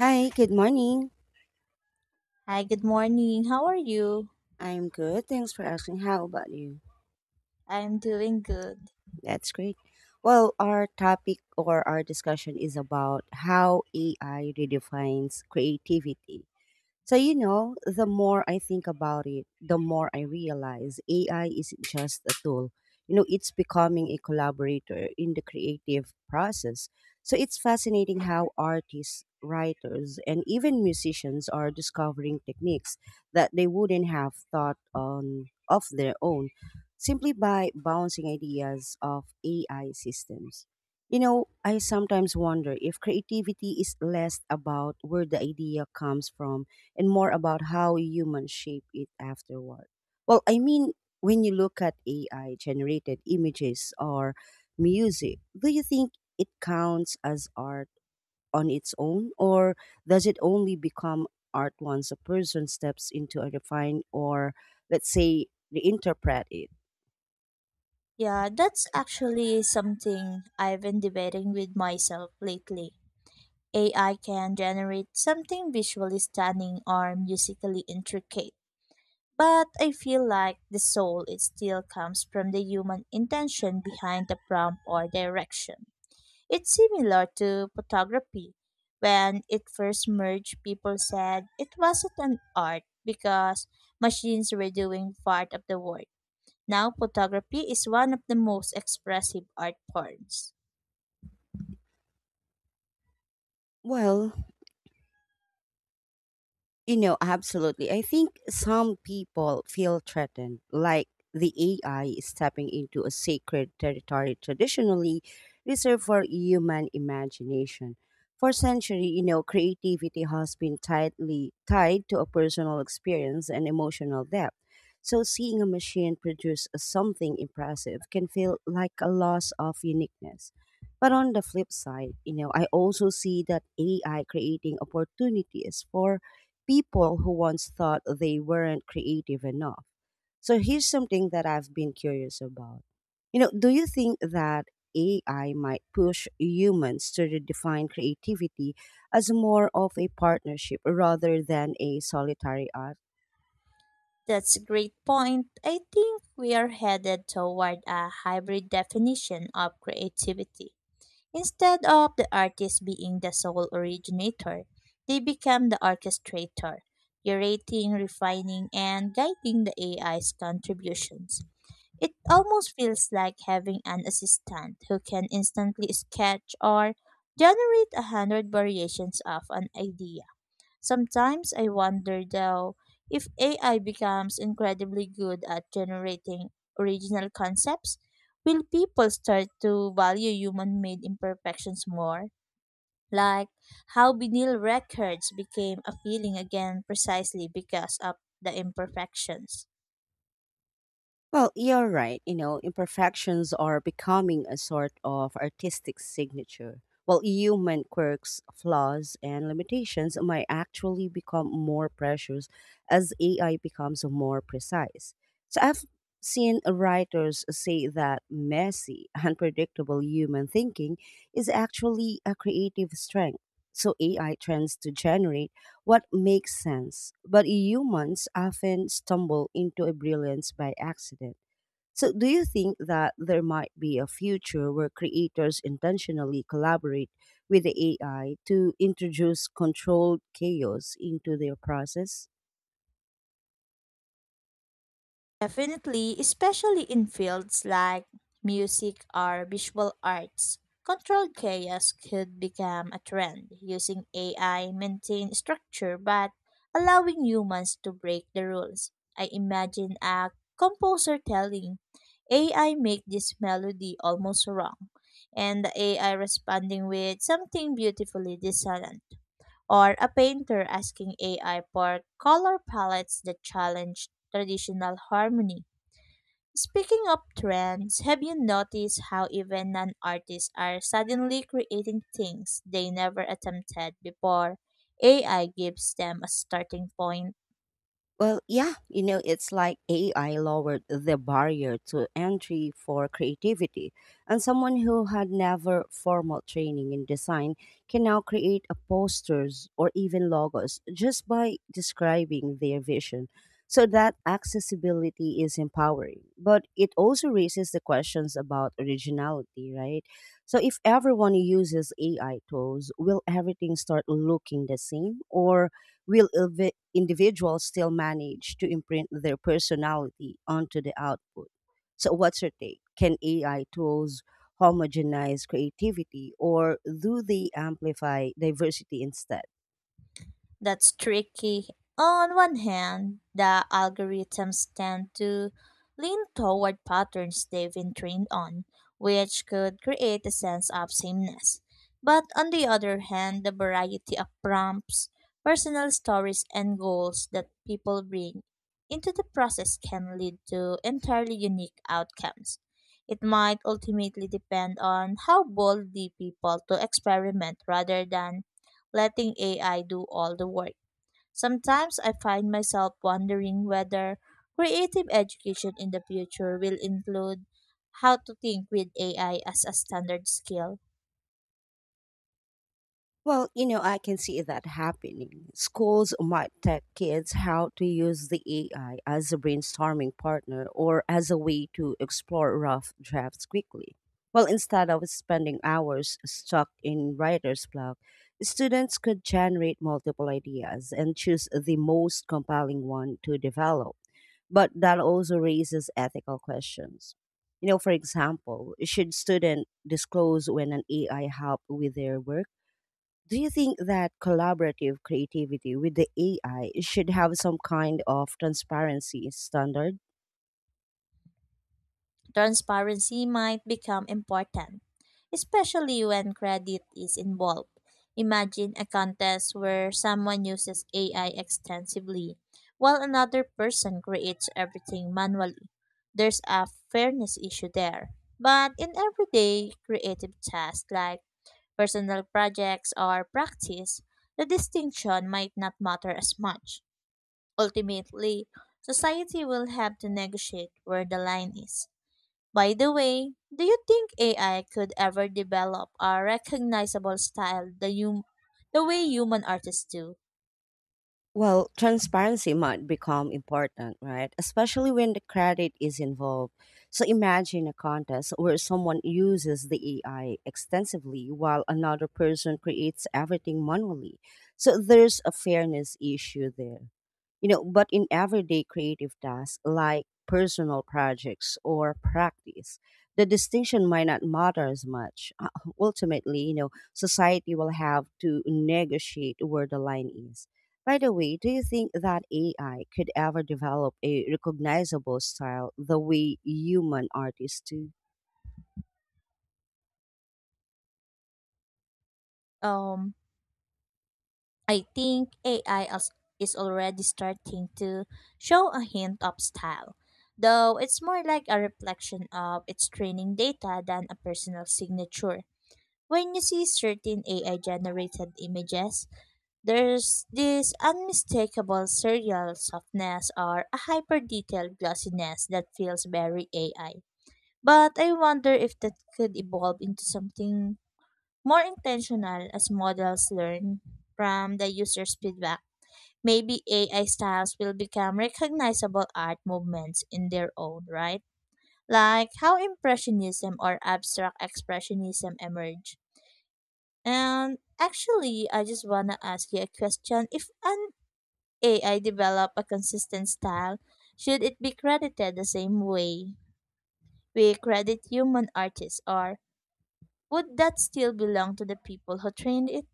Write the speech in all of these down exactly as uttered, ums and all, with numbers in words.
Hi, good morning. Hi, good morning. How are you? I'm good. Thanks for asking. How about you? I'm doing good. That's great. Well, our topic or our discussion is about how A I redefines creativity. So, you know, the more I think about it, the more I realize A I isn't just a tool. You know, it's becoming a collaborator in the creative process. So, it's fascinating how artists, writers, and even musicians are discovering techniques that they wouldn't have thought on of their own simply by bouncing ideas of A I systems. You know, I sometimes wonder if creativity is less about where the idea comes from and more about how humans shape it afterward. Well, I mean, when you look at A I generated images or music, do you think it counts as art? On its own, or does it only become art once a person steps into a refine or, let's say, reinterpret it? Yeah, that's actually something I've been debating with myself lately. A I can generate something visually stunning or musically intricate, but I feel like the soul it still comes from the human intention behind the prompt or direction. It's similar to photography. When it first merged, people said it wasn't an art because machines were doing part of the work. Now, photography is one of the most expressive art forms. Well, You know, absolutely. I think some people feel threatened, like the A I is stepping into a sacred territory traditionally reserved for human imagination. For centuries, you know, creativity has been tightly tied to a personal experience and emotional depth. So seeing a machine produce something impressive can feel like a loss of uniqueness. But on the flip side, you know, I also see that A I creating opportunities for people who once thought they weren't creative enough. So here's something that I've been curious about. You know, do you think that A I might push humans to redefine creativity as more of a partnership rather than a solitary art? That's a great point. I think we are headed toward a hybrid definition of creativity. Instead of the artist being the sole originator, they become the orchestrator, curating, refining, and guiding the A I's contributions. It almost feels like having an assistant who can instantly sketch or generate a hundred variations of an idea. Sometimes I wonder though if A I becomes incredibly good at generating original concepts, will people start to value human made imperfections more? Like how vinyl records became appealing again precisely because of the imperfections. Well, you're right. You know, imperfections are becoming a sort of artistic signature. While human quirks, flaws, and limitations might actually become more precious as A I becomes more precise. So I've seen writers say that messy, unpredictable human thinking is actually a creative strength. So A I tends to generate what makes sense, but humans often stumble into a brilliance by accident. So, do you think that there might be a future where creators intentionally collaborate with the A I to introduce controlled chaos into their process? Definitely, especially in fields like music or visual arts, controlled chaos could become a trend, using A I maintain structure but allowing humans to break the rules. I imagine a composer telling A I make this melody almost wrong and the A I responding with something beautifully dissonant or a painter asking A I for color palettes that challenge traditional harmony. Speaking of trends, have you noticed how even non artists are suddenly creating things they never attempted before? A I gives them a starting point. Well, yeah, you know, it's like A I lowered the barrier to entry for creativity. And someone who had never formal training in design can now create a posters or even logos just by describing their vision. So that accessibility is empowering, but it also raises the questions about originality, right? So if everyone uses A I tools, will everything start looking the same or will invi- individuals still manage to imprint their personality onto the output? So, what's your take? Can A I tools homogenize creativity or do they amplify diversity instead? That's tricky. On one hand, the algorithms tend to lean toward patterns they've been trained on, which could create a sense of sameness. But on the other hand, the variety of prompts, personal stories, and goals that people bring into the process can lead to entirely unique outcomes. It might ultimately depend on how boldly people to experiment rather than letting A I do all the work. Sometimes I find myself wondering whether creative education in the future will include how to think with A I as a standard skill. Well, you know, I can see that happening. Schools might tell kids how to use the A I as a brainstorming partner or as a way to explore rough drafts quickly. Well, instead of spending hours stuck in writer's block, students could generate multiple ideas and choose the most compelling one to develop. But that also raises ethical questions. You know, for example, should students disclose when an A I helped with their work? Do you think that collaborative creativity with the A I should have some kind of transparency standard? Transparency might become important, especially when credit is involved. Imagine a contest where someone uses A I extensively while another person creates everything manually. There's a fairness issue there. But in everyday creative tasks like personal projects or practice, the distinction might not matter as much. Ultimately, society will have to negotiate where the line is. By the way, do you think A I could ever develop a recognizable style the hum- the way human artists do? Well, transparency might become important, right? Especially when the credit is involved. So imagine a contest where someone uses the A I extensively while another person creates everything manually. So there's a fairness issue there. You know, but in everyday creative tasks like personal projects or practice, the distinction might not matter as much. Uh, ultimately, you know, society will have to negotiate where the line is. By the way, do you think that A I could ever develop a recognizable style the way human artists do? Um, I think A I as- is already starting to show a hint of style, though it's more like a reflection of its training data than a personal signature. When you see certain A I generated images, there's this unmistakable serial softness or a hyper detailed glossiness that feels very A I. But I wonder if that could evolve into something more intentional as models learn from the user's feedback. Maybe A I styles will become recognizable art movements in their own right, like how Impressionism or Abstract Expressionism emerged. And actually, I just wanna ask you a question. If an A I develop a consistent style, should it be credited the same way we credit human artists, or would that still belong to the people who trained it?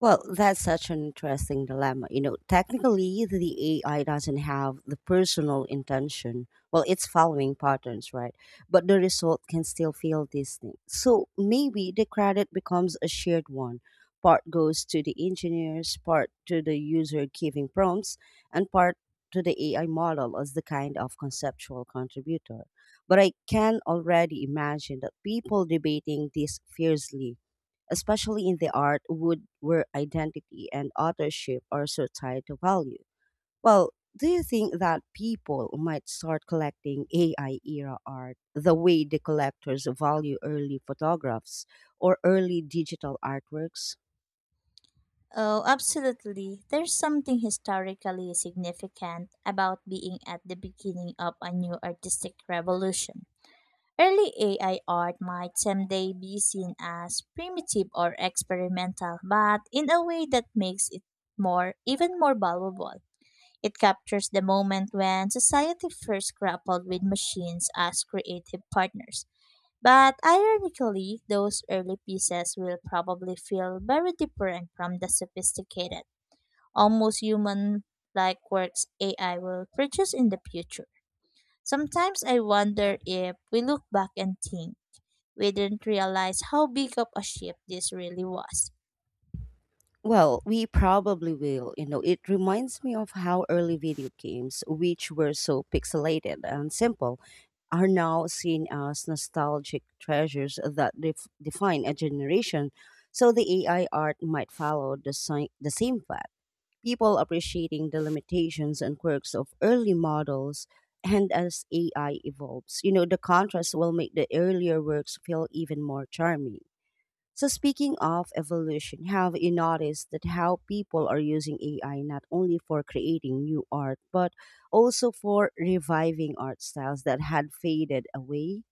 Well, that's such an interesting dilemma. You know, technically, the A I doesn't have the personal intention. Well, it's following patterns, right? But the result can still feel distinct. So maybe the credit becomes a shared one. Part goes to the engineers, part to the user giving prompts, and part to the A I model as the kind of conceptual contributor. But I can already imagine that people debating this fiercely especially in the art would where identity and authorship are so tied to value. Well, do you think that people might start collecting A I era art the way the collectors value early photographs or early digital artworks? Oh, absolutely. There's something historically significant about being at the beginning of a new artistic revolution. Early A I art might someday be seen as primitive or experimental, but in a way that makes it more, even more valuable. It captures the moment when society first grappled with machines as creative partners. But ironically, those early pieces will probably feel very different from the sophisticated, almost human like works A I will produce in the future. Sometimes I wonder if we look back and think, we didn't realize how big of a shift this really was. Well, we probably will. You know, it reminds me of how early video games, which were so pixelated and simple, are now seen as nostalgic treasures that def- define a generation. So the A I art might follow the, si- the same path. People appreciating the limitations and quirks of early models, and as A I evolves, you know, the contrast will make the earlier works feel even more charming. So, speaking of evolution, have you noticed that how people are using A I not only for creating new art, but also for reviving art styles that had faded away?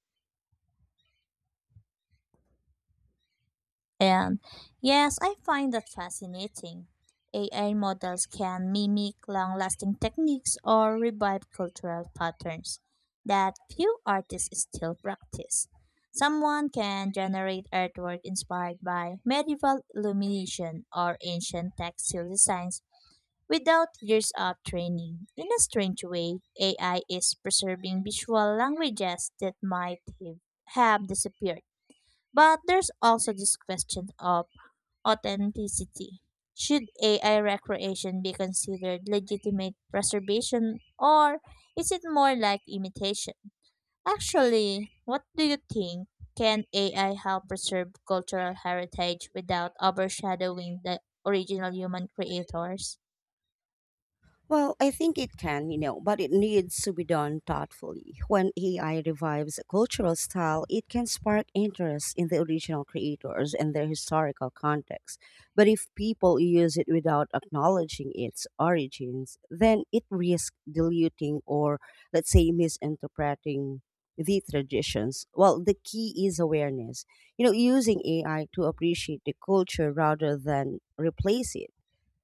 And yes, I find that fascinating. A I models can mimic long lasting techniques or revive cultural patterns that few artists still practice. Someone can generate artwork inspired by medieval illumination or ancient textile designs without years of training. In a strange way, A I is preserving visual languages that might have have disappeared. But there's also this question of authenticity. Should A I recreation be considered legitimate preservation or is it more like imitation? Actually, what do you think? Can A I help preserve cultural heritage without overshadowing the original human creators? Well, I think it can, you know, but it needs to be done thoughtfully. When A I revives a cultural style, it can spark interest in the original creators and their historical context. But if people use it without acknowledging its origins, then it risks diluting or, let's say, misinterpreting the traditions. Well, the key is awareness. You know, using A I to appreciate the culture rather than replace it.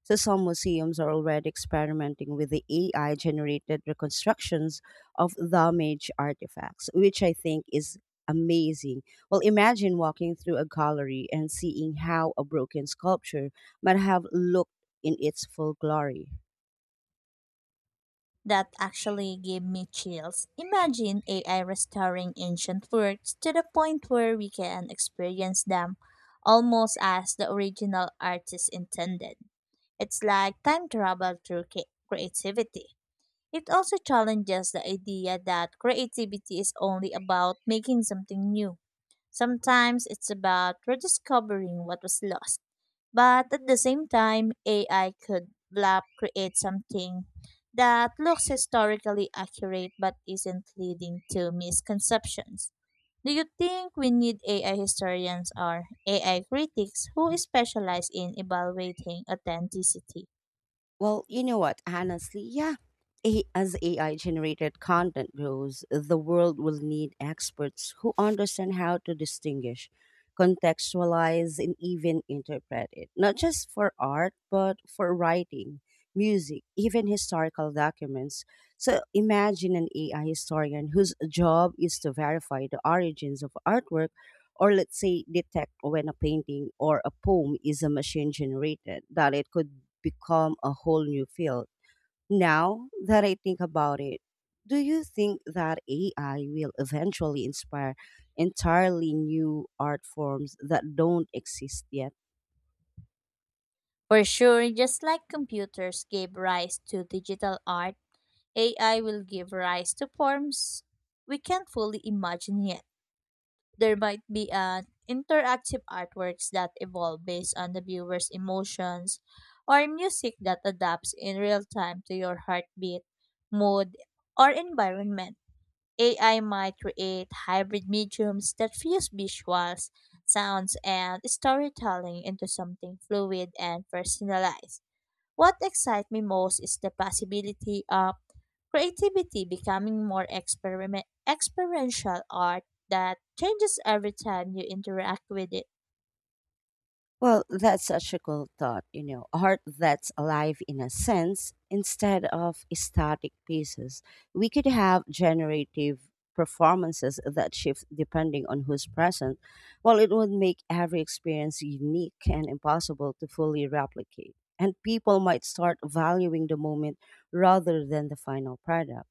So some museums are already experimenting with the A I generated reconstructions of damaged artifacts, which I think is amazing. Well, imagine walking through a gallery and seeing how a broken sculpture might have looked in its full glory. That actually gave me chills. Imagine A I restoring ancient works to the point where we can experience them almost as the original artist intended. It's like time travel through ca- creativity. It also challenges the idea that creativity is only about making something new. Sometimes it's about rediscovering what was lost. But at the same time, A I could blab create something that looks historically accurate but isn't, leading to misconceptions. Do you think we need A I historians or A I critics who specialize in evaluating authenticity? Well, you know what? Honestly, yeah. A- as A I generated content grows, the world will need experts who understand how to distinguish, contextualize, and even interpret it, not just for art, but for writing, music, even historical documents. So imagine an A I historian whose job is to verify the origins of artwork or let's say detect when a painting or a poem is a machine generated that it could become a whole new field. Now that I think about it, do you think that AI will eventually inspire entirely new art forms that don't exist yet? For sure, just like computers gave rise to digital art, A I will give rise to forms we can't fully imagine yet. There might be an interactive artworks that evolve based on the viewer's emotions or music that adapts in real time to your heartbeat, mood, or environment. A I might create hybrid mediums that fuse visuals, sounds, and storytelling into something fluid and personalized. What excites me most is the possibility of creativity becoming more experiment, experiential art that changes every time you interact with it. Well, that's such a cool thought, you know, art that's alive in a sense instead of static pieces. We could have generative performances that shift depending on who's present. Well, it would make every experience unique and impossible to fully replicate. And people might start valuing the moment rather than the final product.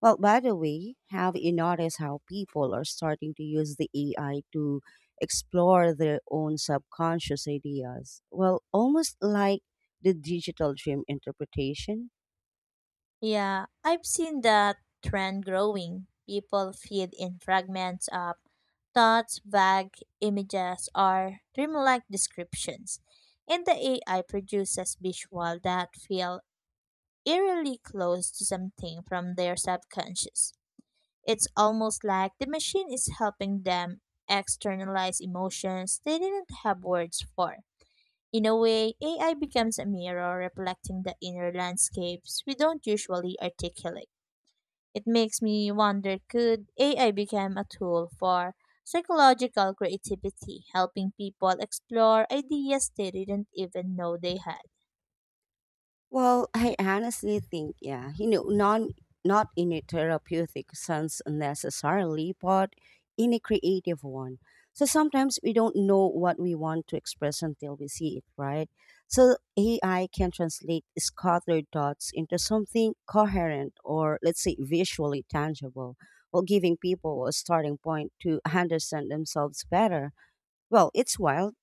Well, by the way, have you noticed how people are starting to use the A I to explore their own subconscious ideas? Well, almost like the digital dream interpretation. Yeah, I've seen that trend growing. People feed in fragments of thoughts, vague images, or dreamlike descriptions. And the A I produces visuals that feel eerily close to something from their subconscious. It's almost like the machine is helping them externalize emotions they didn't have words for. In a way, A I becomes a mirror reflecting the inner landscapes we don't usually articulate. It makes me wonder, could A I become a tool for psychological creativity, helping people explore ideas they didn't even know they had? Well, I honestly think, yeah, you know, non not in a therapeutic sense necessarily, but in a creative one. So sometimes we don't know what we want to express until we see it, right? So A I can translate scattered thoughts into something coherent or let's say visually tangible, while giving people a starting point to understand themselves better. Well, it's wild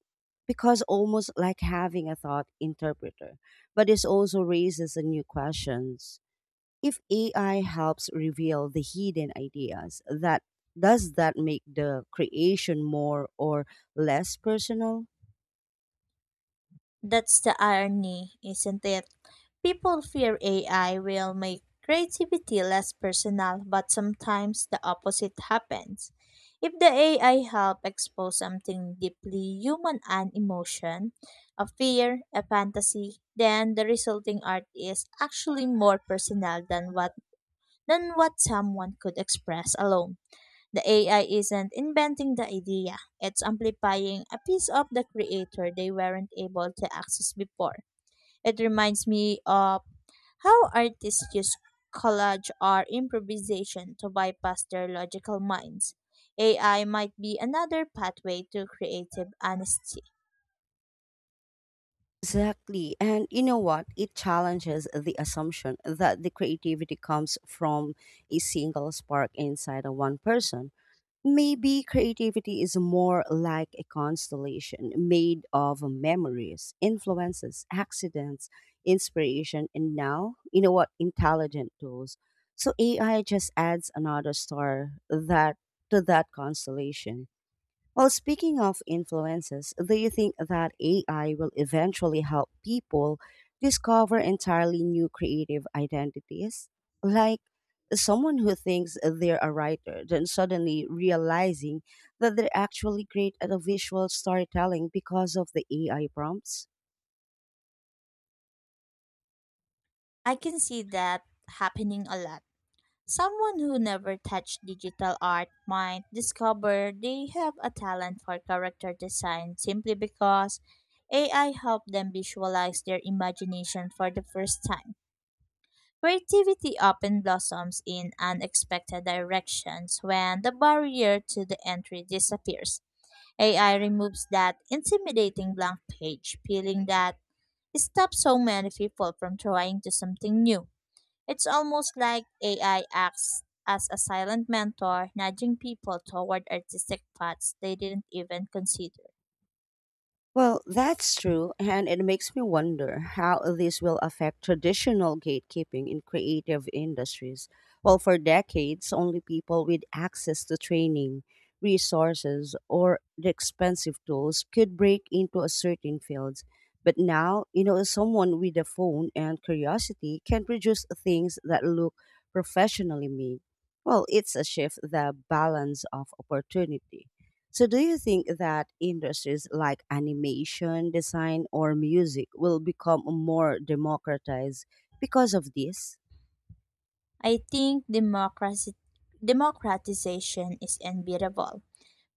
because almost like having a thought interpreter. But it also raises a new questions. If A I helps reveal the hidden ideas, that does that make the creation more or less personal? That's the irony, isn't it? People fear A I will make creativity less personal, but sometimes the opposite happens. If the A I help expose something deeply human, an emotion, a fear, a fantasy, then the resulting art is actually more personal than what than what someone could express alone. The A I isn't inventing the idea, it's amplifying a piece of the creator they weren't able to access before. It reminds me of how artists use collage or improvisation to bypass their logical minds. A I might be another pathway to creative honesty. Exactly. And you know what? It challenges the assumption that the creativity comes from a single spark inside of one person. Maybe creativity is more like a constellation made of memories, influences, accidents, inspiration, and now, you know what, intelligent tools. So A I just adds another star that to that constellation. Well, speaking of influences, do you think that A I will eventually help people discover entirely new creative identities? Like someone who thinks they're a writer, then suddenly realizing that they're actually great at a visual storytelling because of the A I prompts? I can see that happening a lot. Someone who never touched digital art might discover they have a talent for character design simply because A I helped them visualize their imagination for the first time. Creativity often blossoms in unexpected directions when the barrier to the entry disappears. A I removes that intimidating blank page feeling that it stops so many people from trying to something new. It's almost like A I acts as a silent mentor, nudging people toward artistic paths they didn't even consider. Well, that's true, and it makes me wonder how this will affect traditional gatekeeping in creative industries. Well, for decades, only people with access to training, resources, or the expensive tools could break into a certain fields. But now, you know, someone with a phone and curiosity can produce things that look professionally made. Well, it's a shift the balance of opportunity. So, do you think that industries like animation, design, or music will become more democratized because of this? I think democracy, democratization is unbeatable.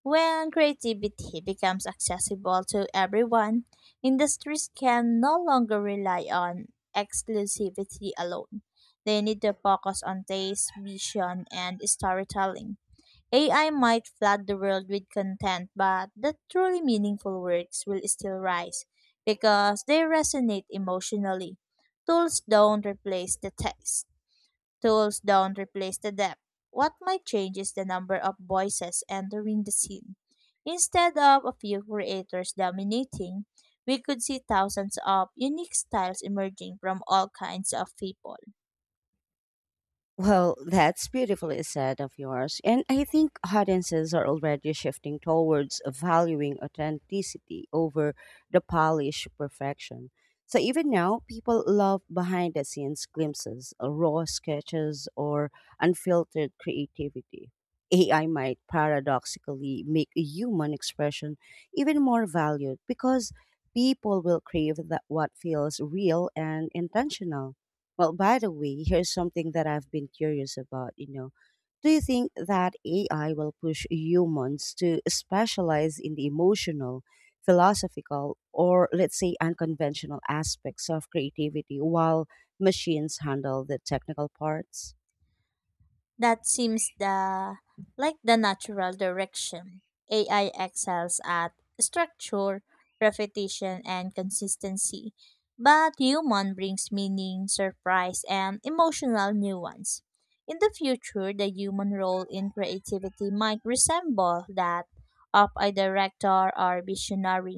When creativity becomes accessible to everyone, industries can no longer rely on exclusivity alone. They need to focus on taste, vision, and storytelling. A I might flood the world with content, but the truly meaningful works will still rise because they resonate emotionally. Tools don't replace the text, tools don't replace the depth. What might change is the number of voices entering the scene. Instead of a few creators dominating, we could see thousands of unique styles emerging from all kinds of people. Well, that's beautifully said of yours. And I think audiences are already shifting towards valuing authenticity over the polished perfection. So even now, people love behind the scenes glimpses, uh, raw sketches, or unfiltered creativity. A I might paradoxically make human expression even more valued because people will crave that what feels real and intentional. Well, by the way, here's something that I've been curious about, you know. Do you think that A I will push humans to specialize in the emotional, philosophical, or let's say unconventional aspects of creativity while machines handle the technical parts? That seems the like the natural direction. A I excels at structure, repetition, and consistency, but human brings meaning, surprise, and emotional nuance. In the future, the human role in creativity might resemble that of a director or visionary,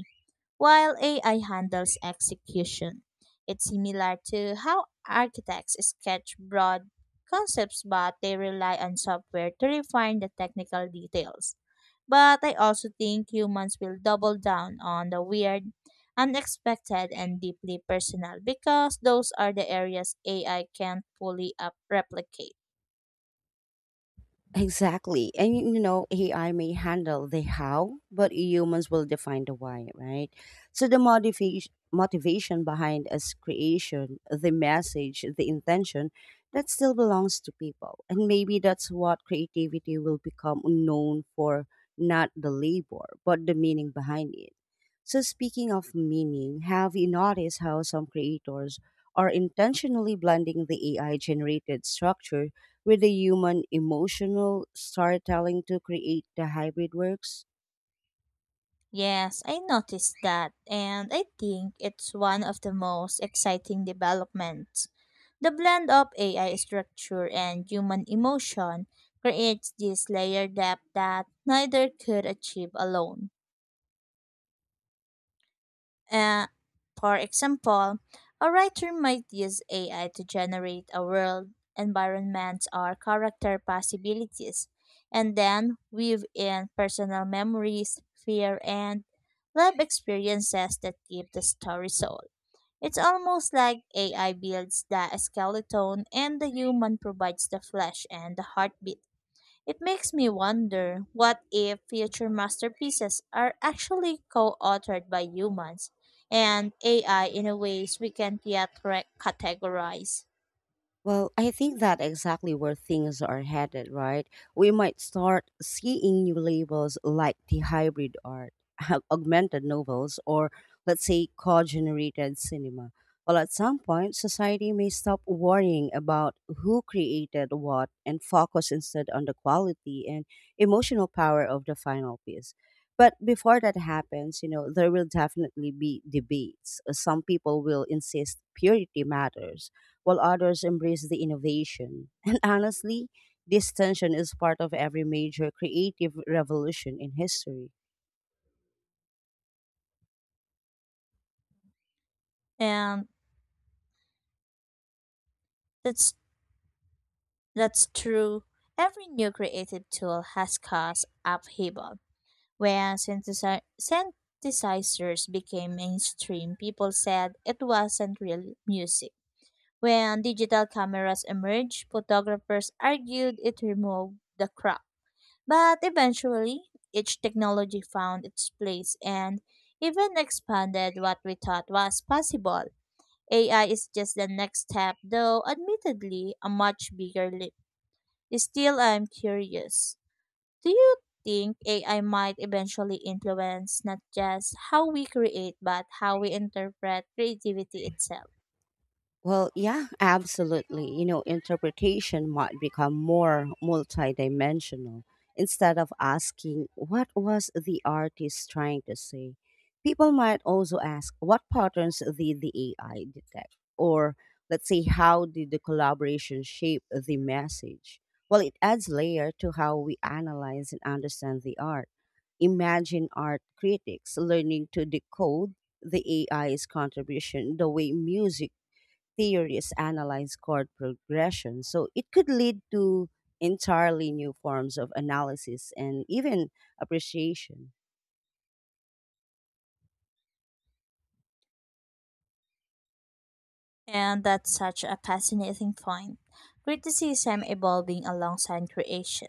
while A I handles execution. It's similar to how architects sketch broad concepts, but they rely on software to refine the technical details. But I also think humans will double down on the weird, unexpected, and deeply personal because those are the areas A I can't fully up- replicate. Exactly. And y- you know, A I may handle the how, but humans will define the why, right? So the motivation motivation behind its creation, the message, the intention, that still belongs to people. And maybe that's what creativity will become known for, not the labor, but the meaning behind it. So speaking of meaning, have you noticed how some creators are intentionally blending the A I generated structure with the human emotional storytelling to create the hybrid works? Yes, I noticed that, and I think it's one of the most exciting developments. The blend of A I structure and human emotion creates this layered depth that neither could achieve alone. Uh, for example, a writer might use A I to generate a world, environment, or character possibilities, and then weave in personal memories, fear, and life experiences that give the story soul. It's almost like A I builds the skeleton and the human provides the flesh and the heartbeat. It makes me wonder, what if future masterpieces are actually co authored by humans and A I in a ways we can't yet re- categorize. Well, I think that exactly where things are headed, right? We might start seeing new labels like the hybrid art, augmented novels, or let's say co-generated cinema. Well, at some point, society may stop worrying about who created what and focus instead on the quality and emotional power of the final piece. But before that happens, you know, there will definitely be debates. Some people will insist purity matters while others embrace the innovation. And honestly, this tension is part of every major creative revolution in history. And that's, that's true. Every new creative tool has caused upheaval. When synthesi- synthesizers became mainstream, people said it wasn't real music. When digital cameras emerged, photographers argued it removed the crop. But eventually, each technology found its place and even expanded what we thought was possible. A I is just the next step, though admittedly a much bigger leap. Still, I'm curious. Do you think A I might eventually influence not just how we create, but how we interpret creativity itself? Well, yeah, absolutely. You know, interpretation might become more multidimensional. Instead of asking, what was the artist trying to say? People might also ask, what patterns did the A I detect? Or let's say, how did the collaboration shape the message? Well, it adds layer to how we analyze and understand the art. Imagine art critics learning to decode the A I's contribution the way music theories analyze chord progression, so it could lead to entirely new forms of analysis and even appreciation. And that's such a fascinating point. Criticism evolving alongside creation.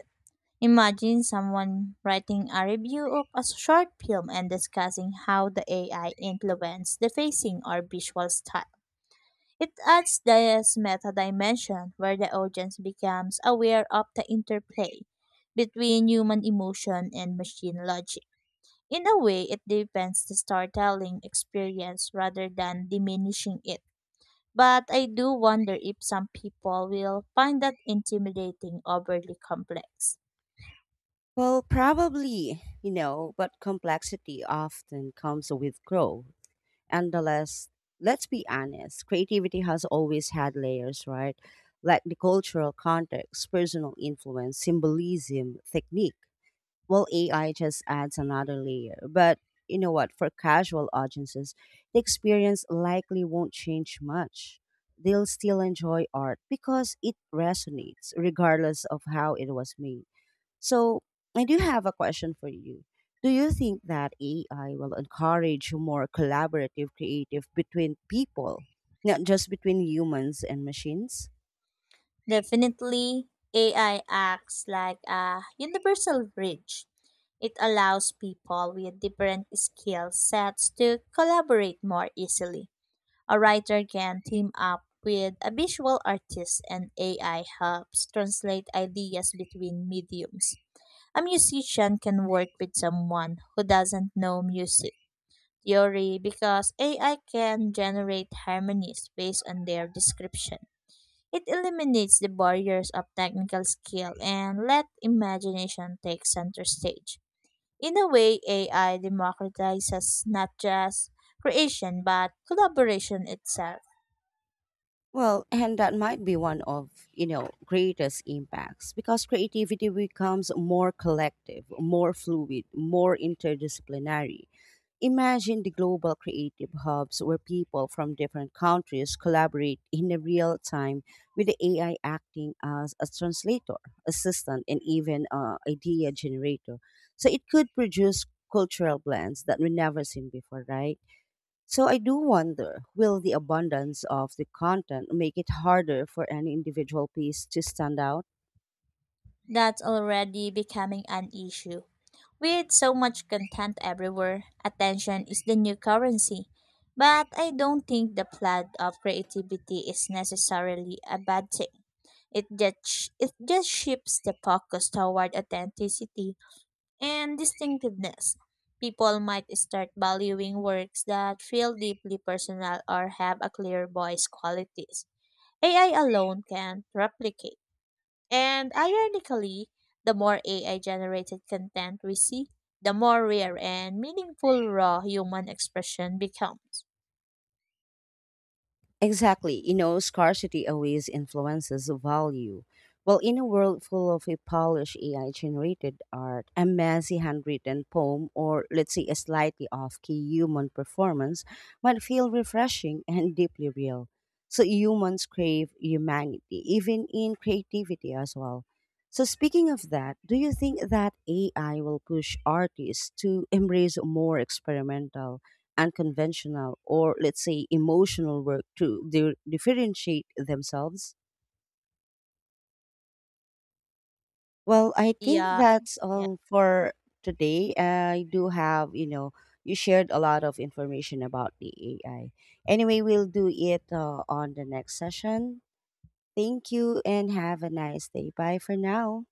Imagine someone writing a review of a short film and discussing how the A I influenced the facing or visual style. It adds this meta dimension where the audience becomes aware of the interplay between human emotion and machine logic. In a way, it deepens the storytelling experience rather than diminishing it. But I do wonder if some people will find that intimidating, overly complex. Well, probably, you know, but complexity often comes with growth. And the less, let's be honest, creativity has always had layers, right? Like the cultural context, personal influence, symbolism, technique. Well, A I just adds another layer. But you know what? For casual audiences, the experience likely won't change much. They'll still enjoy art because it resonates regardless of how it was made. So, I do have a question for you. Do you think that A I will encourage more collaborative creative between people, not just between humans and machines? Definitely, A I acts like a universal bridge. It allows people with different skill sets to collaborate more easily. A writer can team up with a visual artist, and A I helps translate ideas between mediums. A musician can work with someone who doesn't know music theory because A I can generate harmonies based on their description. It eliminates the barriers of technical skill and let imagination take center stage. In a way, A I democratizes not just creation but collaboration itself. Well, and that might be one of, you know, greatest impacts because creativity becomes more collective, more fluid, more interdisciplinary. Imagine the global creative hubs where people from different countries collaborate in a real time with the A I acting as a translator, assistant, and even uh, idea generator. So it could produce cultural blends that we never seen before, right? So I do wonder will the abundance of the content make it harder for any individual piece to stand out? That's already becoming an issue. With so much content everywhere, attention is the new currency. But I don't think the flood of creativity is necessarily a bad thing. It just, it just shifts the focus toward authenticity and distinctiveness. People might start valuing works that feel deeply personal or have a clear voice qualities A I alone can replicate. And ironically, the more A I generated content we see, the more rare and meaningful raw human expression becomes. Exactly. You know, scarcity always influences the value. Well, in a world full of a polished A I generated art, a messy handwritten poem, or let's say a slightly off key human performance might feel refreshing and deeply real. So humans crave humanity, even in creativity as well. So speaking of that, do you think that A I will push artists to embrace more experimental unconventional or let's say emotional work to di- differentiate themselves. Well, I think Yeah. that's all for today. I do have, you know you shared a lot of information about the AI. Anyway, we'll do it uh, on the next session. Thank you and have a nice day. Bye for now.